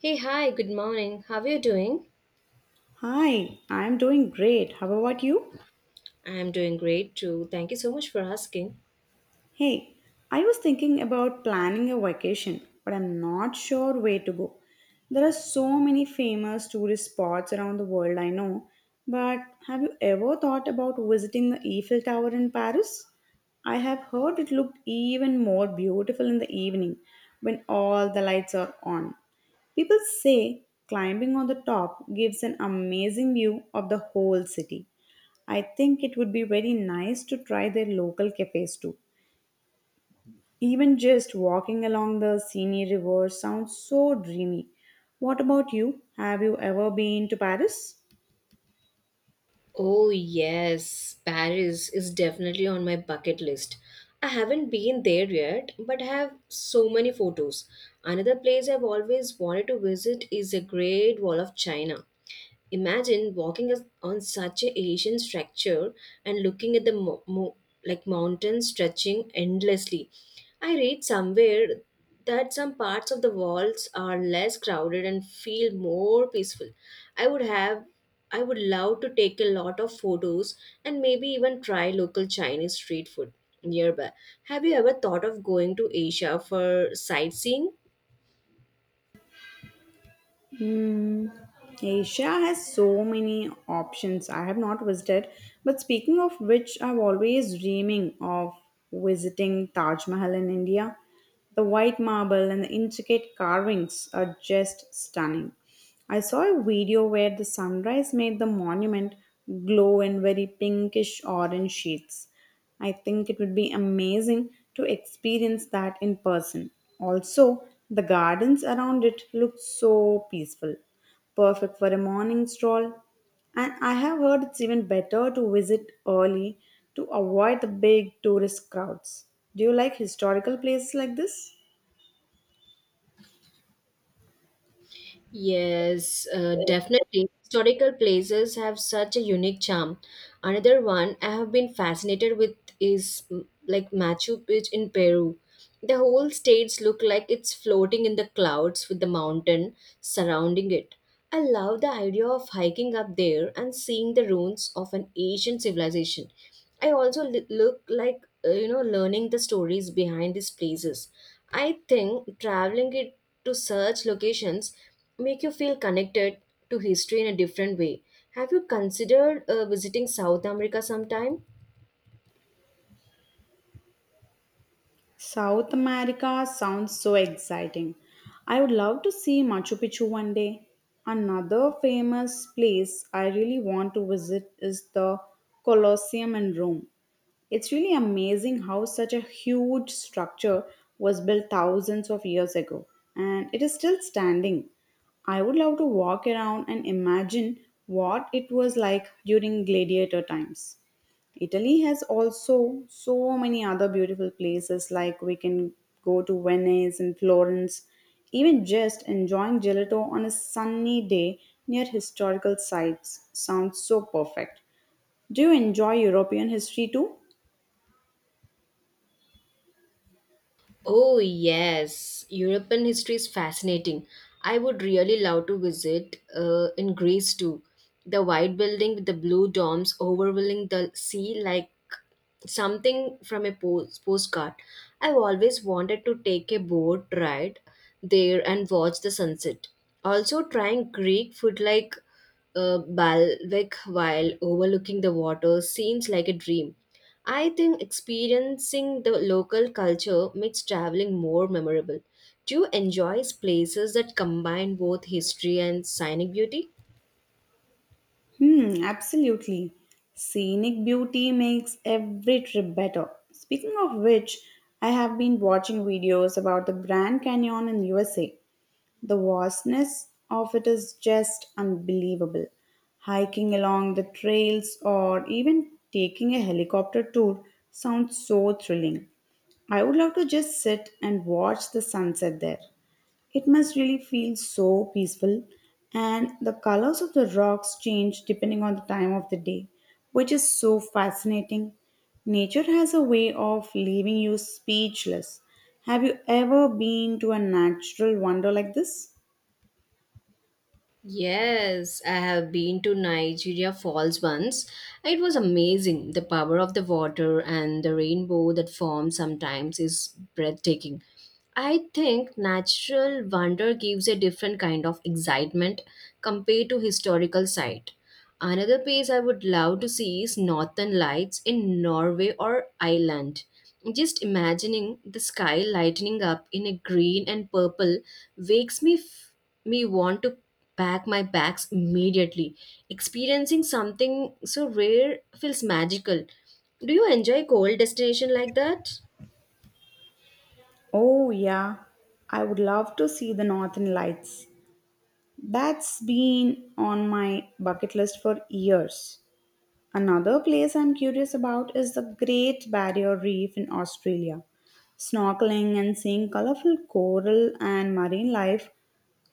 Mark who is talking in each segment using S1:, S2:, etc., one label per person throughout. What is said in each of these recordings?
S1: Hey, hi, good morning. How are you doing?
S2: Hi, I'm doing great. How about you?
S1: I'm doing great too. Thank you so much for asking.
S2: Hey, I was thinking about planning a vacation, but I'm not sure where to go. There are so many famous tourist spots around the world, I know, but have you ever thought about visiting the Eiffel Tower in Paris? I have heard it looked even more beautiful in the evening when all the lights are on. People say climbing on the top gives an amazing view of the whole city. I think it would be very nice to try their local cafes too. Even just walking along the Seine River sounds so dreamy. What about you? Have you ever been to Paris?
S1: Oh, yes, Paris is definitely on my bucket list. I haven't been there yet, but I have so many photos. Another place I've always wanted to visit is the Great Wall of China. Imagine walking on such a ancient structure and looking at the like mountains stretching endlessly. I read somewhere that some parts of the walls are less crowded and feel more peaceful. I would have I would love to take a lot of photos and maybe even try local Chinese street food nearby. Have you ever thought of going to Asia for sightseeing?
S2: Hmm. Asia has so many options. I have not visited. But speaking of which, I'm always dreaming of visiting Taj Mahal in India. The white marble and the intricate carvings are just stunning. I saw a video where the sunrise made the monument glow in very pinkish orange shades. I think it would be amazing to experience that in person. Also, the gardens around it look so peaceful, perfect for a morning stroll. And I have heard it's even better to visit early to avoid the big tourist crowds. Do you like historical places like this?
S1: Yes, definitely. Historical places have such a unique charm. Another one I have been fascinated with is like Machu Picchu in Peru. The whole states look like it's floating in the clouds with the mountain surrounding it. I love the idea of hiking up there and seeing the ruins of an ancient civilization. I also look like, learning the stories behind these places. I think traveling it to such locations make you feel connected to history in a different way. Have you considered visiting South America sometime?
S2: South America sounds so exciting. I would love to see Machu Picchu one day. Another famous place I really want to visit is the Colosseum in Rome. It's really amazing how such a huge structure was built thousands of years ago and it is still standing. I would love to walk around and imagine what it was like during gladiator times. Italy has also so many other beautiful places like we can go to Venice and Florence, even just enjoying gelato on a sunny day near historical sites sounds so perfect. Do you enjoy European history too?
S1: Oh, yes. European history is fascinating. I would really love to visit in Greece too. The white building with the blue domes overwhelming the sea like something from a postcard. I've always wanted to take a boat ride there and watch the sunset. Also, trying Greek food like balbec while overlooking the water seems like a dream. I think experiencing the local culture makes traveling more memorable. Do you enjoy places that combine both history and scenic beauty?
S2: Hmm, absolutely. Scenic beauty makes every trip better. Speaking of which, I have been watching videos about the Grand Canyon in USA. The vastness of it is just unbelievable. Hiking along the trails or even taking a helicopter tour sounds so thrilling. I would love to just sit and watch the sunset there. It must really feel so peaceful, and the colors of the rocks change depending on the time of the day, which is so fascinating. Nature has a way of leaving you speechless. Have you ever been to a natural wonder like this?
S1: Yes, I have been to Nigeria Falls once. It was amazing. The power of the water and the rainbow that forms sometimes is breathtaking. I think natural wonder gives a different kind of excitement compared to historical sight. Another place I would love to see is Northern Lights in Norway or Ireland. Just imagining the sky lightening up in a green and purple wakes me f- me want to pack my bags immediately. Experiencing something so rare feels magical. Do you enjoy cold destination like that?
S2: Oh, yeah, I would love to see the Northern Lights. That's been on my bucket list for years. Another place I'm curious about is the Great Barrier Reef in Australia. Snorkeling and seeing colorful coral and marine life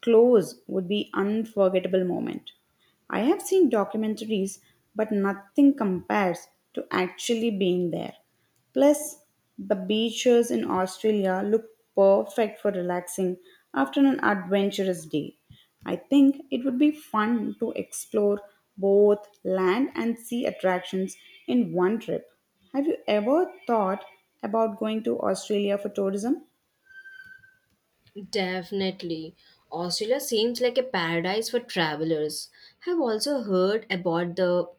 S2: close would be unforgettable moment. I have seen documentaries, but nothing compares to actually being there. Plus, the beaches in Australia look perfect for relaxing after an adventurous day. I think it would be fun to explore both land and sea attractions in one trip. Have you ever thought about going to Australia for tourism?
S1: Definitely. Australia seems like a paradise for travelers. I've also heard about the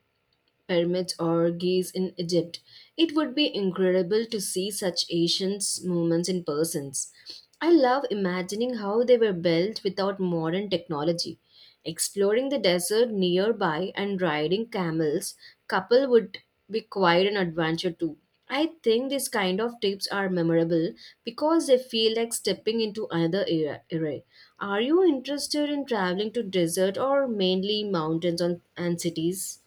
S1: pyramids or Gize in Egypt. It would be incredible to see such ancient moments in persons. I love imagining how they were built without modern technology. Exploring the desert nearby and riding camels, couple would be quite an adventure too. I think these kind of trips are memorable because they feel like stepping into another era. Are you interested in traveling to desert or mainly mountains on, and cities?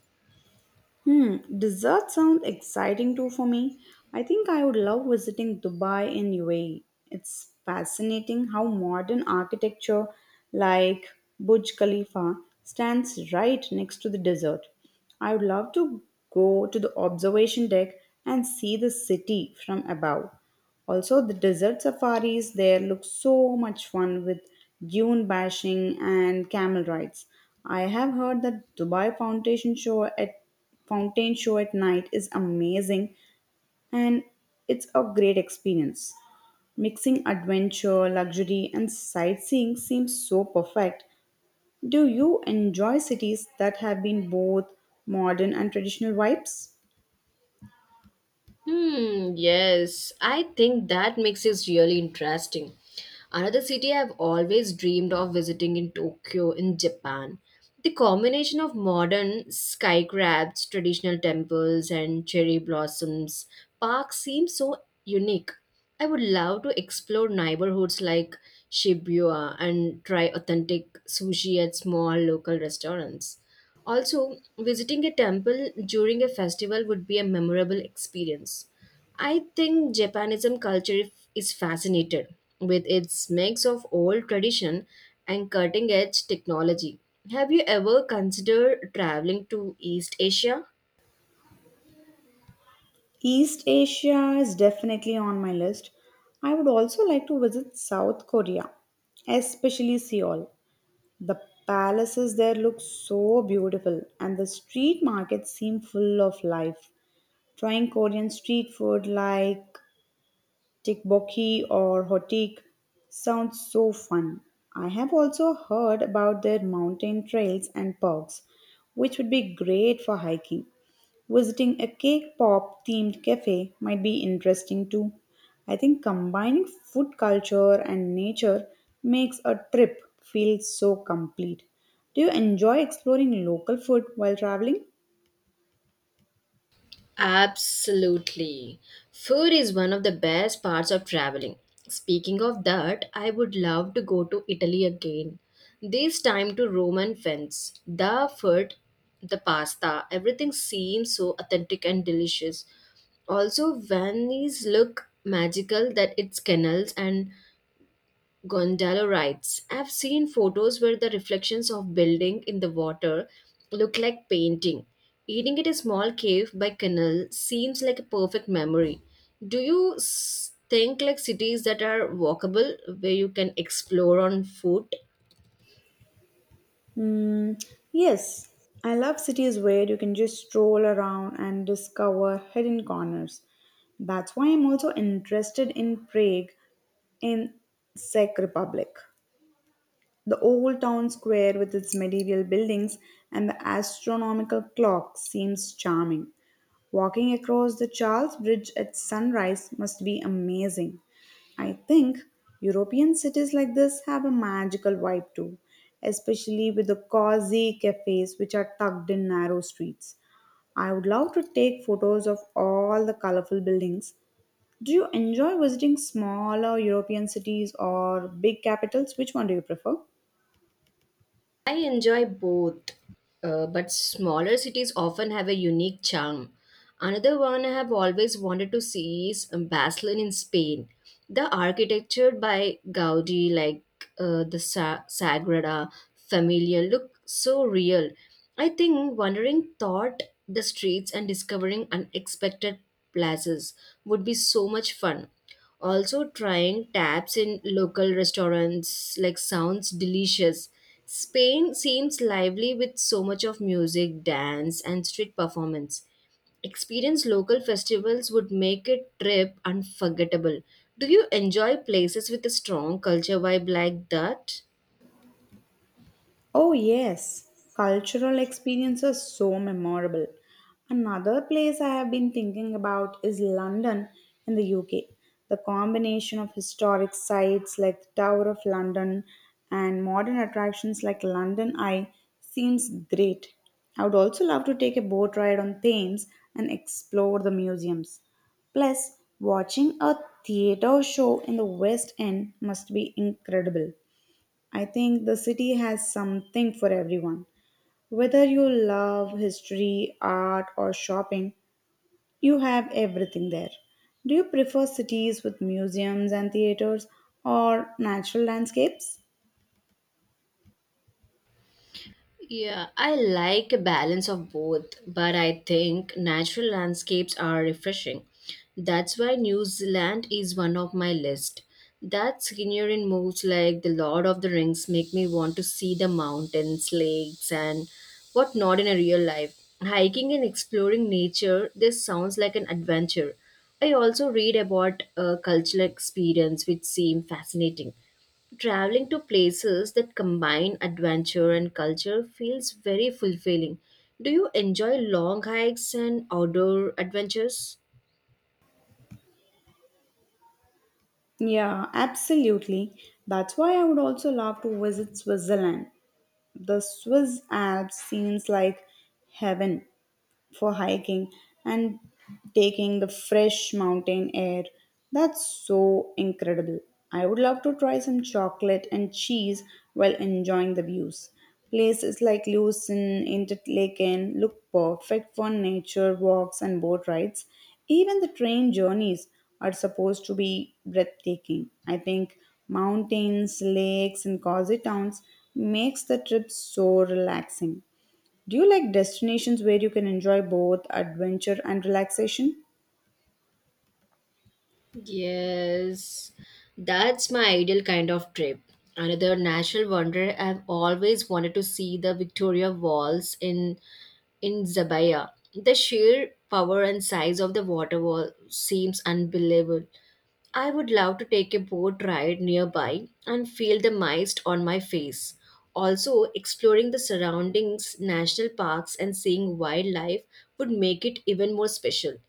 S2: Hmm, desserts sound exciting too for me. I think I would love visiting Dubai and UAE. It's fascinating how modern architecture like Burj Khalifa stands right next to the desert. I would love to go to the observation deck and see the city from above. Also, the desert safaris there look so much fun with dune bashing and camel rides. I have heard that Dubai Foundation show at fountain show at night is amazing and it's a great experience. Mixing adventure, luxury, and sightseeing seems so perfect. Do you enjoy cities that have been both modern and traditional vibes?
S1: Hmm, yes, I think that makes it really interesting. Another city I've always dreamed of visiting in Tokyo, in Japan. The combination of modern skyscrapers, traditional temples, and cherry blossoms park seems so unique. I would love to explore neighborhoods like Shibuya and try authentic sushi at small local restaurants. Also, visiting a temple during a festival would be a memorable experience. I think Japanism culture is fascinated with its mix of old tradition and cutting edge technology. Have you ever considered traveling to East Asia?
S2: East Asia is definitely on my list. I would also like to visit South Korea, especially Seoul. The palaces there look so beautiful, and the street markets seem full of life. Trying Korean street food like tteokbokki or hotik sounds so fun. I have also heard about their mountain trails and parks, which would be great for hiking. Visiting a cake pop themed cafe might be interesting too. I think combining food culture and nature makes a trip feel so complete. Do you enjoy exploring local food while traveling?
S1: Absolutely. Food is one of the best parts of traveling. Speaking of that, I would love to go to Italy again. This time to Roman Venice. The food, the pasta, everything seems so authentic and delicious. Also, Venice look magical that its canals and Gondalo writes: I've seen photos where the reflections of building in the water look like painting. Eating at a small cave by canal seems like a perfect memory. Do you think like cities that are walkable where you can explore on foot?
S2: Mm, yes, I love cities where you can just stroll around and discover hidden corners. That's why I'm also interested in Prague in Czech Republic. The old town square with its medieval buildings and the astronomical clock seems charming. Walking across the Charles Bridge at sunrise must be amazing. I think European cities like this have a magical vibe too, especially with the cozy cafes which are tucked in narrow streets. I would love to take photos of all the colorful buildings. Do you enjoy visiting smaller European cities or big capitals? Which one do you prefer?
S1: I enjoy both, but smaller cities often have a unique charm. Another one I have always wanted to see is Barcelona in Spain. The architecture by Gaudi, like Sagrada Familia, look so real. I think wandering thought the streets and discovering unexpected places would be so much fun. Also, trying taps in local restaurants like sounds delicious. Spain seems lively with so much of music, dance, and street performance. Experience local festivals would make a trip unforgettable. Do you enjoy places with a strong culture vibe like that?
S2: Oh, yes, cultural experiences are so memorable. Another place I have been thinking about is London in the UK. The combination of historic sites like the Tower of London and modern attractions like London Eye seems great. I would also love to take a boat ride on Thames and explore the museums. Plus, watching a theatre show in the West End must be incredible. I think the city has something for everyone. Whether you love history, art, or shopping, you have everything there. Do you prefer cities with museums and theaters or natural landscapes?
S1: Yeah, I like a balance of both, but I think natural landscapes are refreshing. That's why New Zealand is one of my list. That scenery moves like the Lord of the Rings make me want to see the mountains, lakes, and whatnot in a real life. Hiking and exploring nature, this sounds like an adventure. I also read about cultural experience, which seem fascinating. Traveling to places that combine adventure and culture feels very fulfilling. Do you enjoy long hikes and outdoor adventures?
S2: Yeah, absolutely. That's why I would also love to visit Switzerland. The Swiss Alps seems like heaven for hiking and taking the fresh mountain air. That's so incredible. I would love to try some chocolate and cheese while enjoying the views. Places like Lucerne, Interlaken look perfect for nature walks and boat rides. Even the train journeys are supposed to be breathtaking. I think mountains, lakes, and cozy towns makes the trip so relaxing. Do you like destinations where you can enjoy both adventure and relaxation?
S1: Yes, that's my ideal kind of trip. Another natural wonder I've always wanted to see the Victoria Walls in Zabaya. The sheer power and size of the water wall seems unbelievable. I would love to take a boat ride nearby and feel the mist on my face. Also, exploring the surroundings, national parks, and seeing wildlife would make it even more special.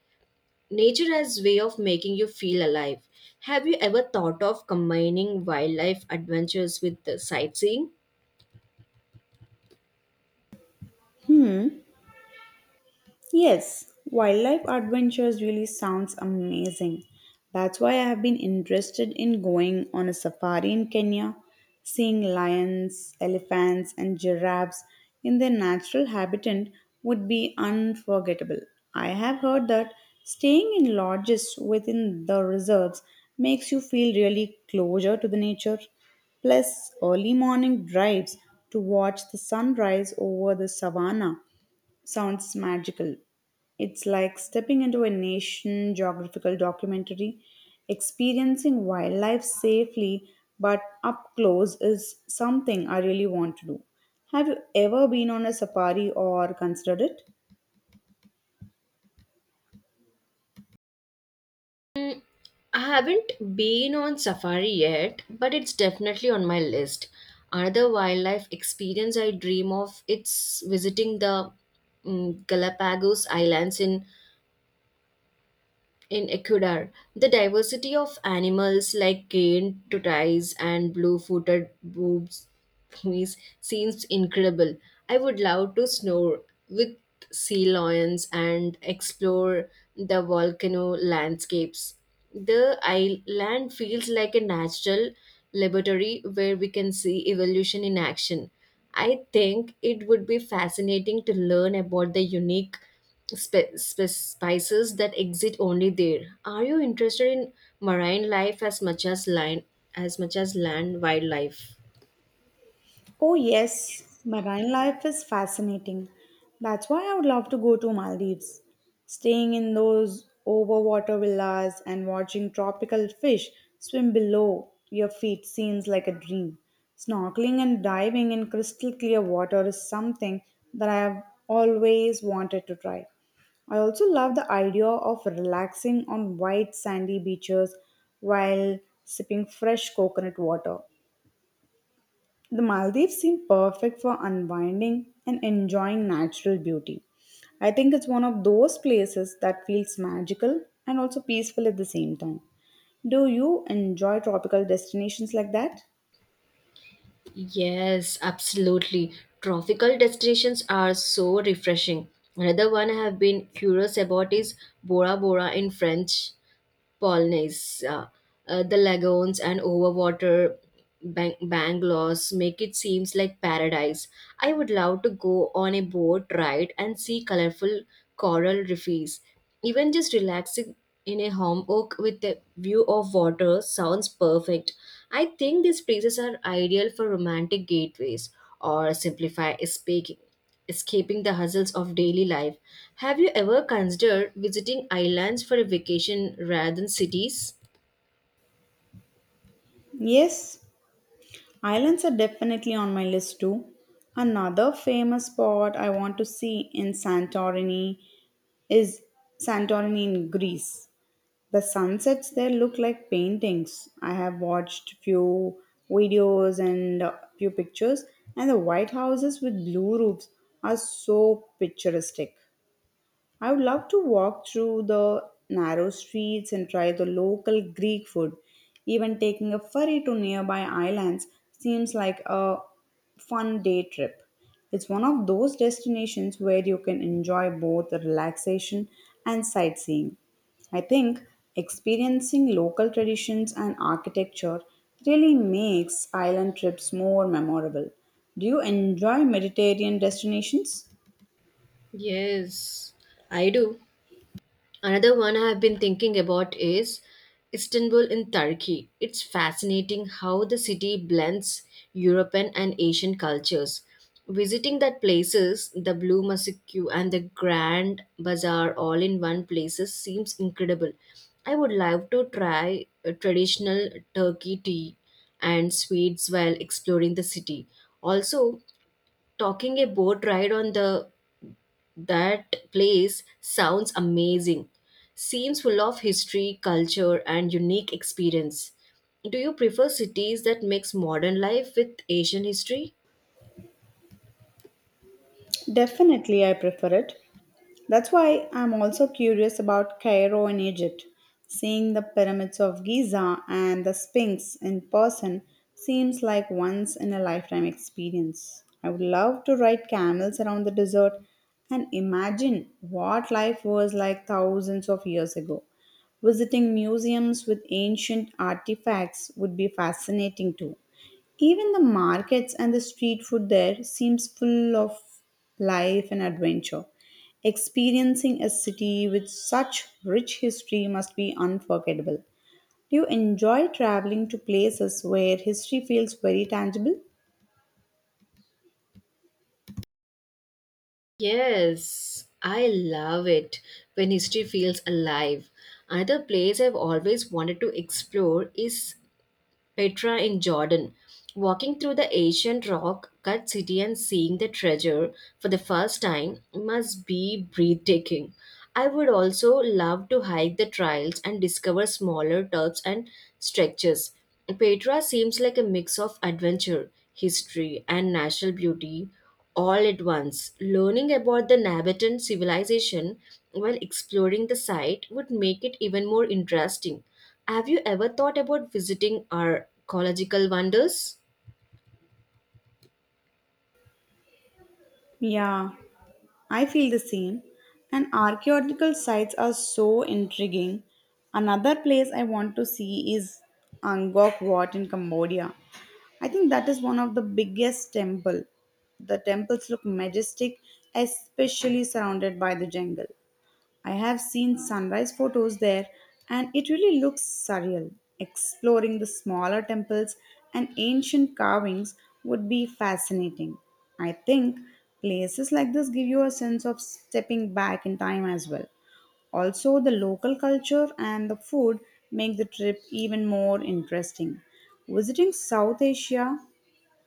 S1: Nature as way of making you feel alive. Have you ever thought of combining wildlife adventures with the sightseeing?
S2: Yes, wildlife adventures really sounds amazing. That's why I have been interested in going on a safari in Kenya, seeing lions, elephants, and giraffes in their natural habitat would be unforgettable. I have heard that staying in lodges within the reserves makes you feel really closer to the nature. Plus, early morning drives to watch the sunrise over the savannah sounds magical. It's like stepping into a nation geographical documentary. Experiencing wildlife safely but up close is something I really want to do. Have you ever been on a safari or considered it?
S1: I haven't been on safari yet, but it's definitely on my list. Another wildlife experience I dream of it's visiting the Galapagos Islands in Ecuador. The diversity of animals like cane tortoise and blue-footed boobs boys seems incredible. I would love to snore with sea lions and explore the volcano landscapes. The island feels like a natural laboratory where we can see evolution in action. I think it would be fascinating to learn about the unique spices that exist only there. Are you interested in marine life as much as land wildlife?
S2: Oh, yes, marine life is fascinating. That's why I would love to go to Maldives. Staying in those overwater villas and watching tropical fish swim below your feet seems like a dream. Snorkeling and diving in crystal clear water is something that I have always wanted to try. I also love the idea of relaxing on white sandy beaches while sipping fresh coconut water. The Maldives seem perfect for unwinding and enjoying natural beauty. I think it's one of those places that feels magical and also peaceful at the same time. Do you enjoy tropical destinations like that?
S1: Yes, absolutely. Tropical destinations are so refreshing. Another one I have been curious about is Bora Bora in French. Polnaise, the lagoons and overwater bungalows make it seems like paradise. I would love to go on a boat ride and see colorful coral reefs. Even just relaxing in a home oak with a view of water sounds perfect. I think these places are ideal for romantic gateways or simplify speaking, escaping the hustles of daily life. Have you ever considered visiting islands for a vacation rather than cities?
S2: Yes, islands are definitely on my list too. Another famous spot I want to see in Santorini is Santorini in Greece. The sunsets there look like paintings. I have watched few videos and few pictures, and the white houses with blue roofs are so picturesque. I would love to walk through the narrow streets and try the local Greek food. Even taking a ferry to nearby islands seems like a fun day trip. It's one of those destinations where you can enjoy both relaxation and sightseeing. I think experiencing local traditions and architecture really makes island trips more memorable. Do you enjoy Mediterranean destinations?
S1: Yes, I do. Another one I have been thinking about is Istanbul in Turkey. It's fascinating how the city blends European and Asian cultures. Visiting that places, the Blue Mosque and the Grand Bazaar all in one places seems incredible. I would love to try a traditional Turkey tea and sweets while exploring the city. Also, talking a boat ride on the that place sounds amazing. Seems full of history, culture, and unique experience. Do you prefer cities that mix modern life with Asian history?
S2: Definitely, I prefer it. That's why I'm also curious about Cairo in Egypt. Seeing the pyramids of Giza and the Sphinx in person seems like once in a lifetime experience. I would love to ride camels around the desert and imagine what life was like thousands of years ago. Visiting museums with ancient artifacts would be fascinating too. Even the markets and the street food there seems full of life and adventure. Experiencing a city with such rich history must be unforgettable. Do you enjoy traveling to places where history feels very tangible?
S1: Yes, I love it when history feels alive. Another place I've always wanted to explore is Petra in Jordan. Walking through the ancient rock cut city and seeing the treasure for the first time must be breathtaking. I would also love to hike the trails and discover smaller turps and structures. Petra seems like a mix of adventure, history, and natural beauty all at once. Learning about the Nabatean civilization while exploring the site would make it even more interesting. Have you ever thought about visiting our ecological wonders?
S2: Yeah, I feel the same. And archaeological sites are so intriguing. Another place I want to see is Angkor Wat in Cambodia. I think that is one of the biggest temple. The temples look majestic, especially surrounded by the jungle. I have seen sunrise photos there and it really looks surreal. Exploring the smaller temples and ancient carvings would be fascinating. I think places like this give you a sense of stepping back in time as well. Also, the local culture and the food make the trip even more interesting. Visiting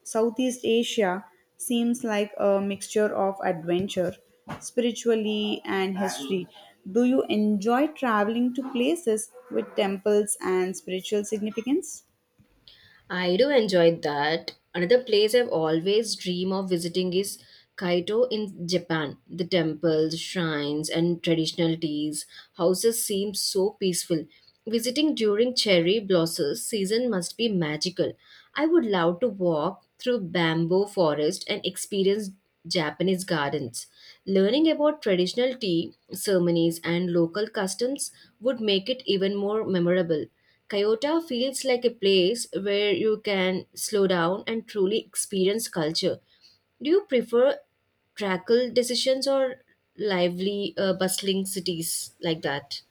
S2: Southeast Asia seems like a mixture of adventure, spiritually, and history. Do you enjoy traveling to places with temples and spiritual significance?
S1: I do enjoy that. Another place I've always dream of visiting is Kaito in Japan. The temples, shrines, and traditional teas houses seem so peaceful. Visiting during cherry blossom season must be magical. I would love to walk through bamboo forest and experience Japanese gardens. Learning about traditional tea ceremonies and local customs would make it even more memorable. Kyoto feels like a place where you can slow down and truly experience culture. Do you prefer trackle decisions or lively, bustling cities like that?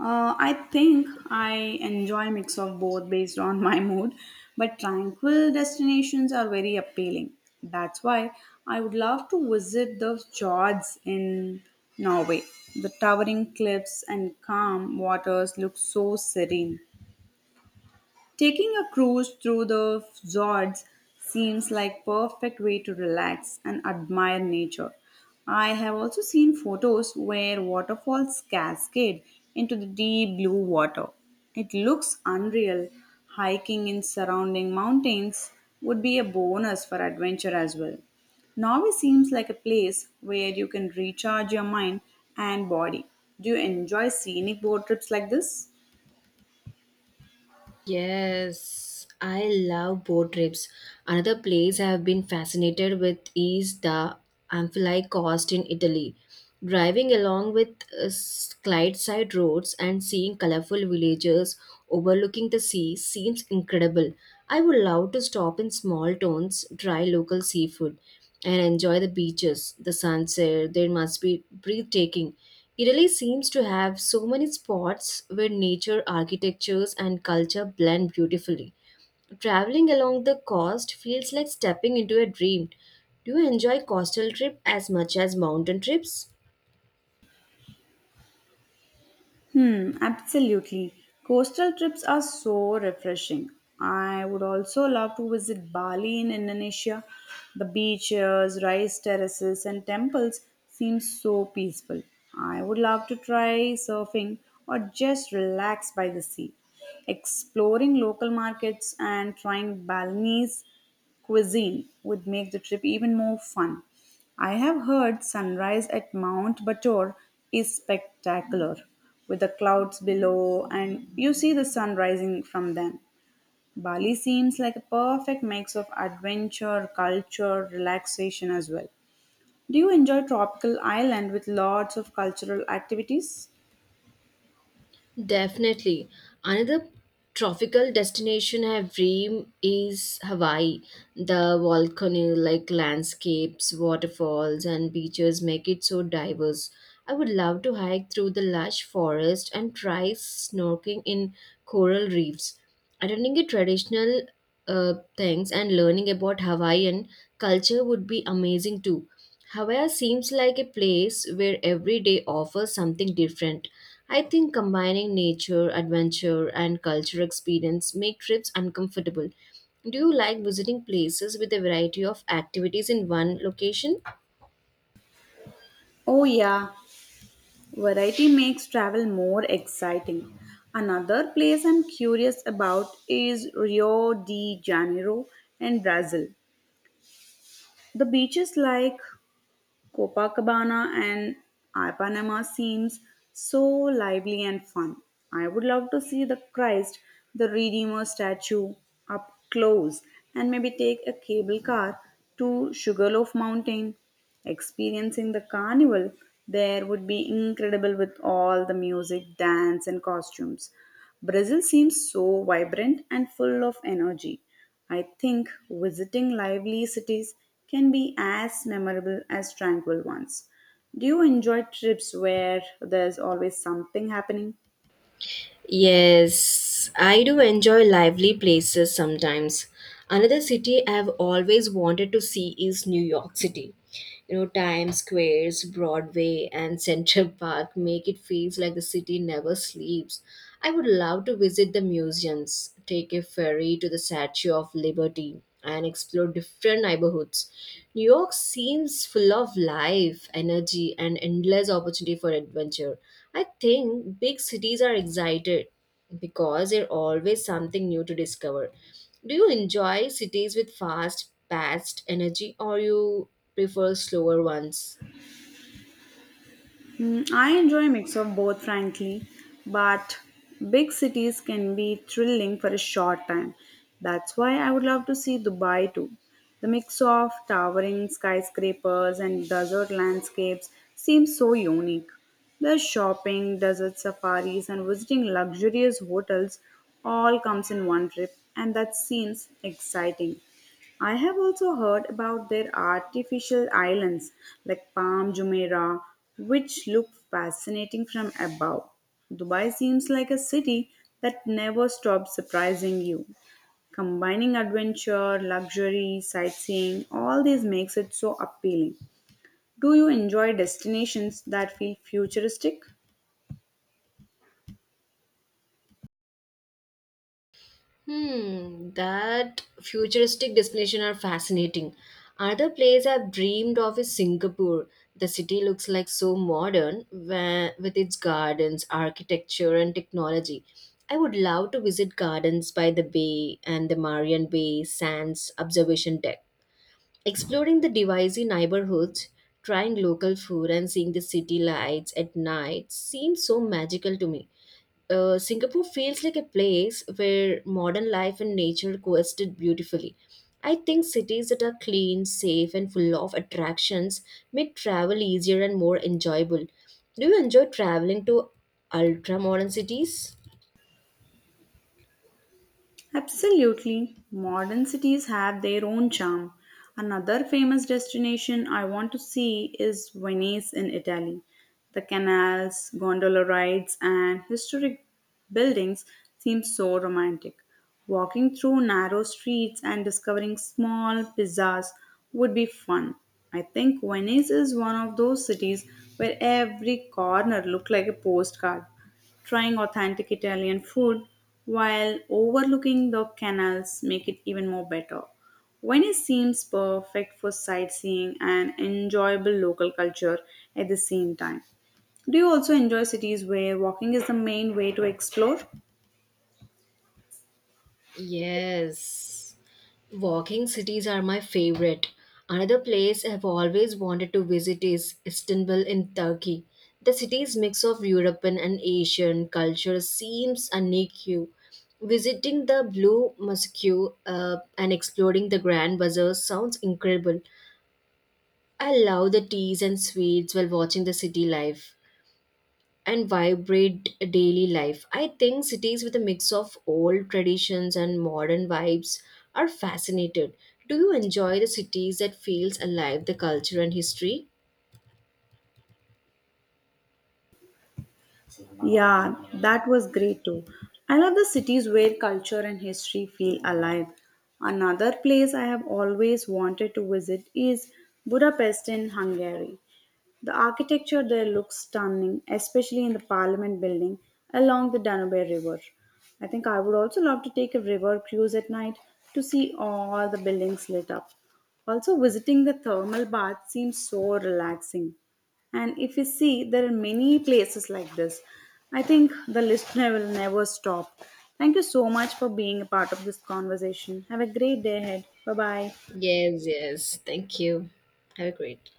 S2: I think I enjoy mix of both based on my mood, but tranquil destinations are very appealing. That's why I would love to visit the fjords in Norway. The towering cliffs and calm waters look so serene. Taking a cruise through the fjords seems like perfect way to relax and admire nature. I have also seen photos where waterfalls cascade into the deep blue water. It looks unreal. Hiking in surrounding mountains would be a bonus for adventure as well. Norway seems like a place where you can recharge your mind and body. Do you enjoy scenic boat trips like this?
S1: Yes, I love boat trips. Another place I have been fascinated with is the Amphilie Coast in Italy. Driving along with side roads and seeing colorful villages overlooking the sea seems incredible. I would love to stop in small towns, try local seafood, and enjoy the beaches, the sunset. They must be breathtaking. Italy seems to have so many spots where nature, architectures, and culture blend beautifully. Traveling along the coast feels like stepping into a dream. Do you enjoy coastal trip as much as mountain trips?
S2: Hmm, absolutely. Coastal trips are so refreshing. I would also love to visit Bali in Indonesia. The beaches, rice terraces, and temples seem so peaceful. I would love to try surfing or just relax by the sea. Exploring local markets and trying Balinese cuisine would make the trip even more fun. I have heard sunrise at Mount Bator is spectacular with the clouds below and you see the sun rising from them. Bali seems like a perfect mix of adventure, culture, relaxation as well. Do you enjoy tropical island with lots of cultural activities?
S1: Definitely. Another tropical destination I dream is Hawaii. The volcano-like landscapes, waterfalls, and beaches make it so diverse. I would love to hike through the lush forest and try snorkeling in coral reefs. Attending a traditional things and learning about Hawaiian culture would be amazing too. Hawaii seems like a place where every day offers something different. I think combining nature, adventure, and cultural experience make trips uncomfortable. Do you like visiting places with a variety of activities in one location?
S2: Oh yeah, variety makes travel more exciting. Another place I'm curious about is Rio de Janeiro in Brazil. The beaches like Copacabana and Ipanema seems so lively and fun. I would love to see the Christ, the Redeemer statue up close and maybe take a cable car to Sugarloaf Mountain. Experiencing the carnival there would be incredible with all the music, dance, and costumes. Brazil seems so vibrant and full of energy. I think visiting lively cities can be as memorable as tranquil ones. Do you enjoy trips where there's always something happening?
S1: Yes, I do enjoy lively places sometimes. Another city I've always wanted to see is New York City. You know, Times Square's Broadway and Central Park make it feels like the city never sleeps. I would love to visit the museums, take a ferry to the Statue of Liberty, and explore different neighborhoods. New York seems full of life, energy, and endless opportunity for adventure. I think big cities are excited because there's always something new to discover. Do you enjoy cities with fast, paced energy or you prefer slower ones?
S2: I enjoy a mix of both, frankly, but big cities can be thrilling for a short time. That's why I would love to see Dubai too. The mix of towering skyscrapers and desert landscapes seems so unique. The shopping, desert safaris, and visiting luxurious hotels all comes in one trip, and that seems exciting. I have also heard about their artificial islands like Palm Jumeirah, which look fascinating from above. Dubai seems like a city that never stops surprising you. Combining adventure, luxury, sightseeing, all this makes it so appealing. Do you enjoy destinations that feel futuristic?
S1: Hmm, that futuristic destination are fascinating. Another place I've dreamed of is Singapore. The city looks like so modern where, with its gardens, architecture, and technology. I would love to visit gardens by the bay and the Marian Bay Sands observation deck. Exploring the Divisi neighborhoods, trying local food, and seeing the city lights at night seems so magical to me. Singapore feels like a place where modern life and nature coexist beautifully. I think cities that are clean, safe, and full of attractions make travel easier and more enjoyable. Do you enjoy traveling to ultra modern cities?
S2: Absolutely. Modern cities have their own charm. Another famous destination I want to see is Venice in Italy. The canals, gondola rides, and historic buildings seem so romantic. Walking through narrow streets and discovering small pizzas would be fun. I think Venice is one of those cities where every corner looked like a postcard. Trying authentic Italian food while overlooking the canals make it even more better. Venice seems perfect for sightseeing and enjoyable local culture at the same time. Do you also enjoy cities where walking is the main way to explore?
S1: Yes, walking cities are my favorite. Another place I've always wanted to visit is Istanbul in Turkey. The city's mix of European and Asian culture seems unique. You Visiting the Blue Mosque and exploring the Grand Bazaar sounds incredible. I love the teas and sweets while watching the city life and vibrant daily life. I think cities with a mix of old traditions and modern vibes are fascinated. Do you enjoy the cities that feels alive the culture and history?
S2: Yeah, that was great too. I love the cities where culture and history feel alive. Another place I have always wanted to visit is Budapest in Hungary. The architecture there looks stunning, especially in the parliament building along the Danube River. I think I would also love to take a river cruise at night to see all the buildings lit up. Also, visiting the thermal bath seems so relaxing. And if you see, there are many places like this. I think the listener will never stop. Thank you so much for being a part of this conversation. Have a great day ahead. Bye bye.
S1: Yes, yes. Thank you. Have a great day.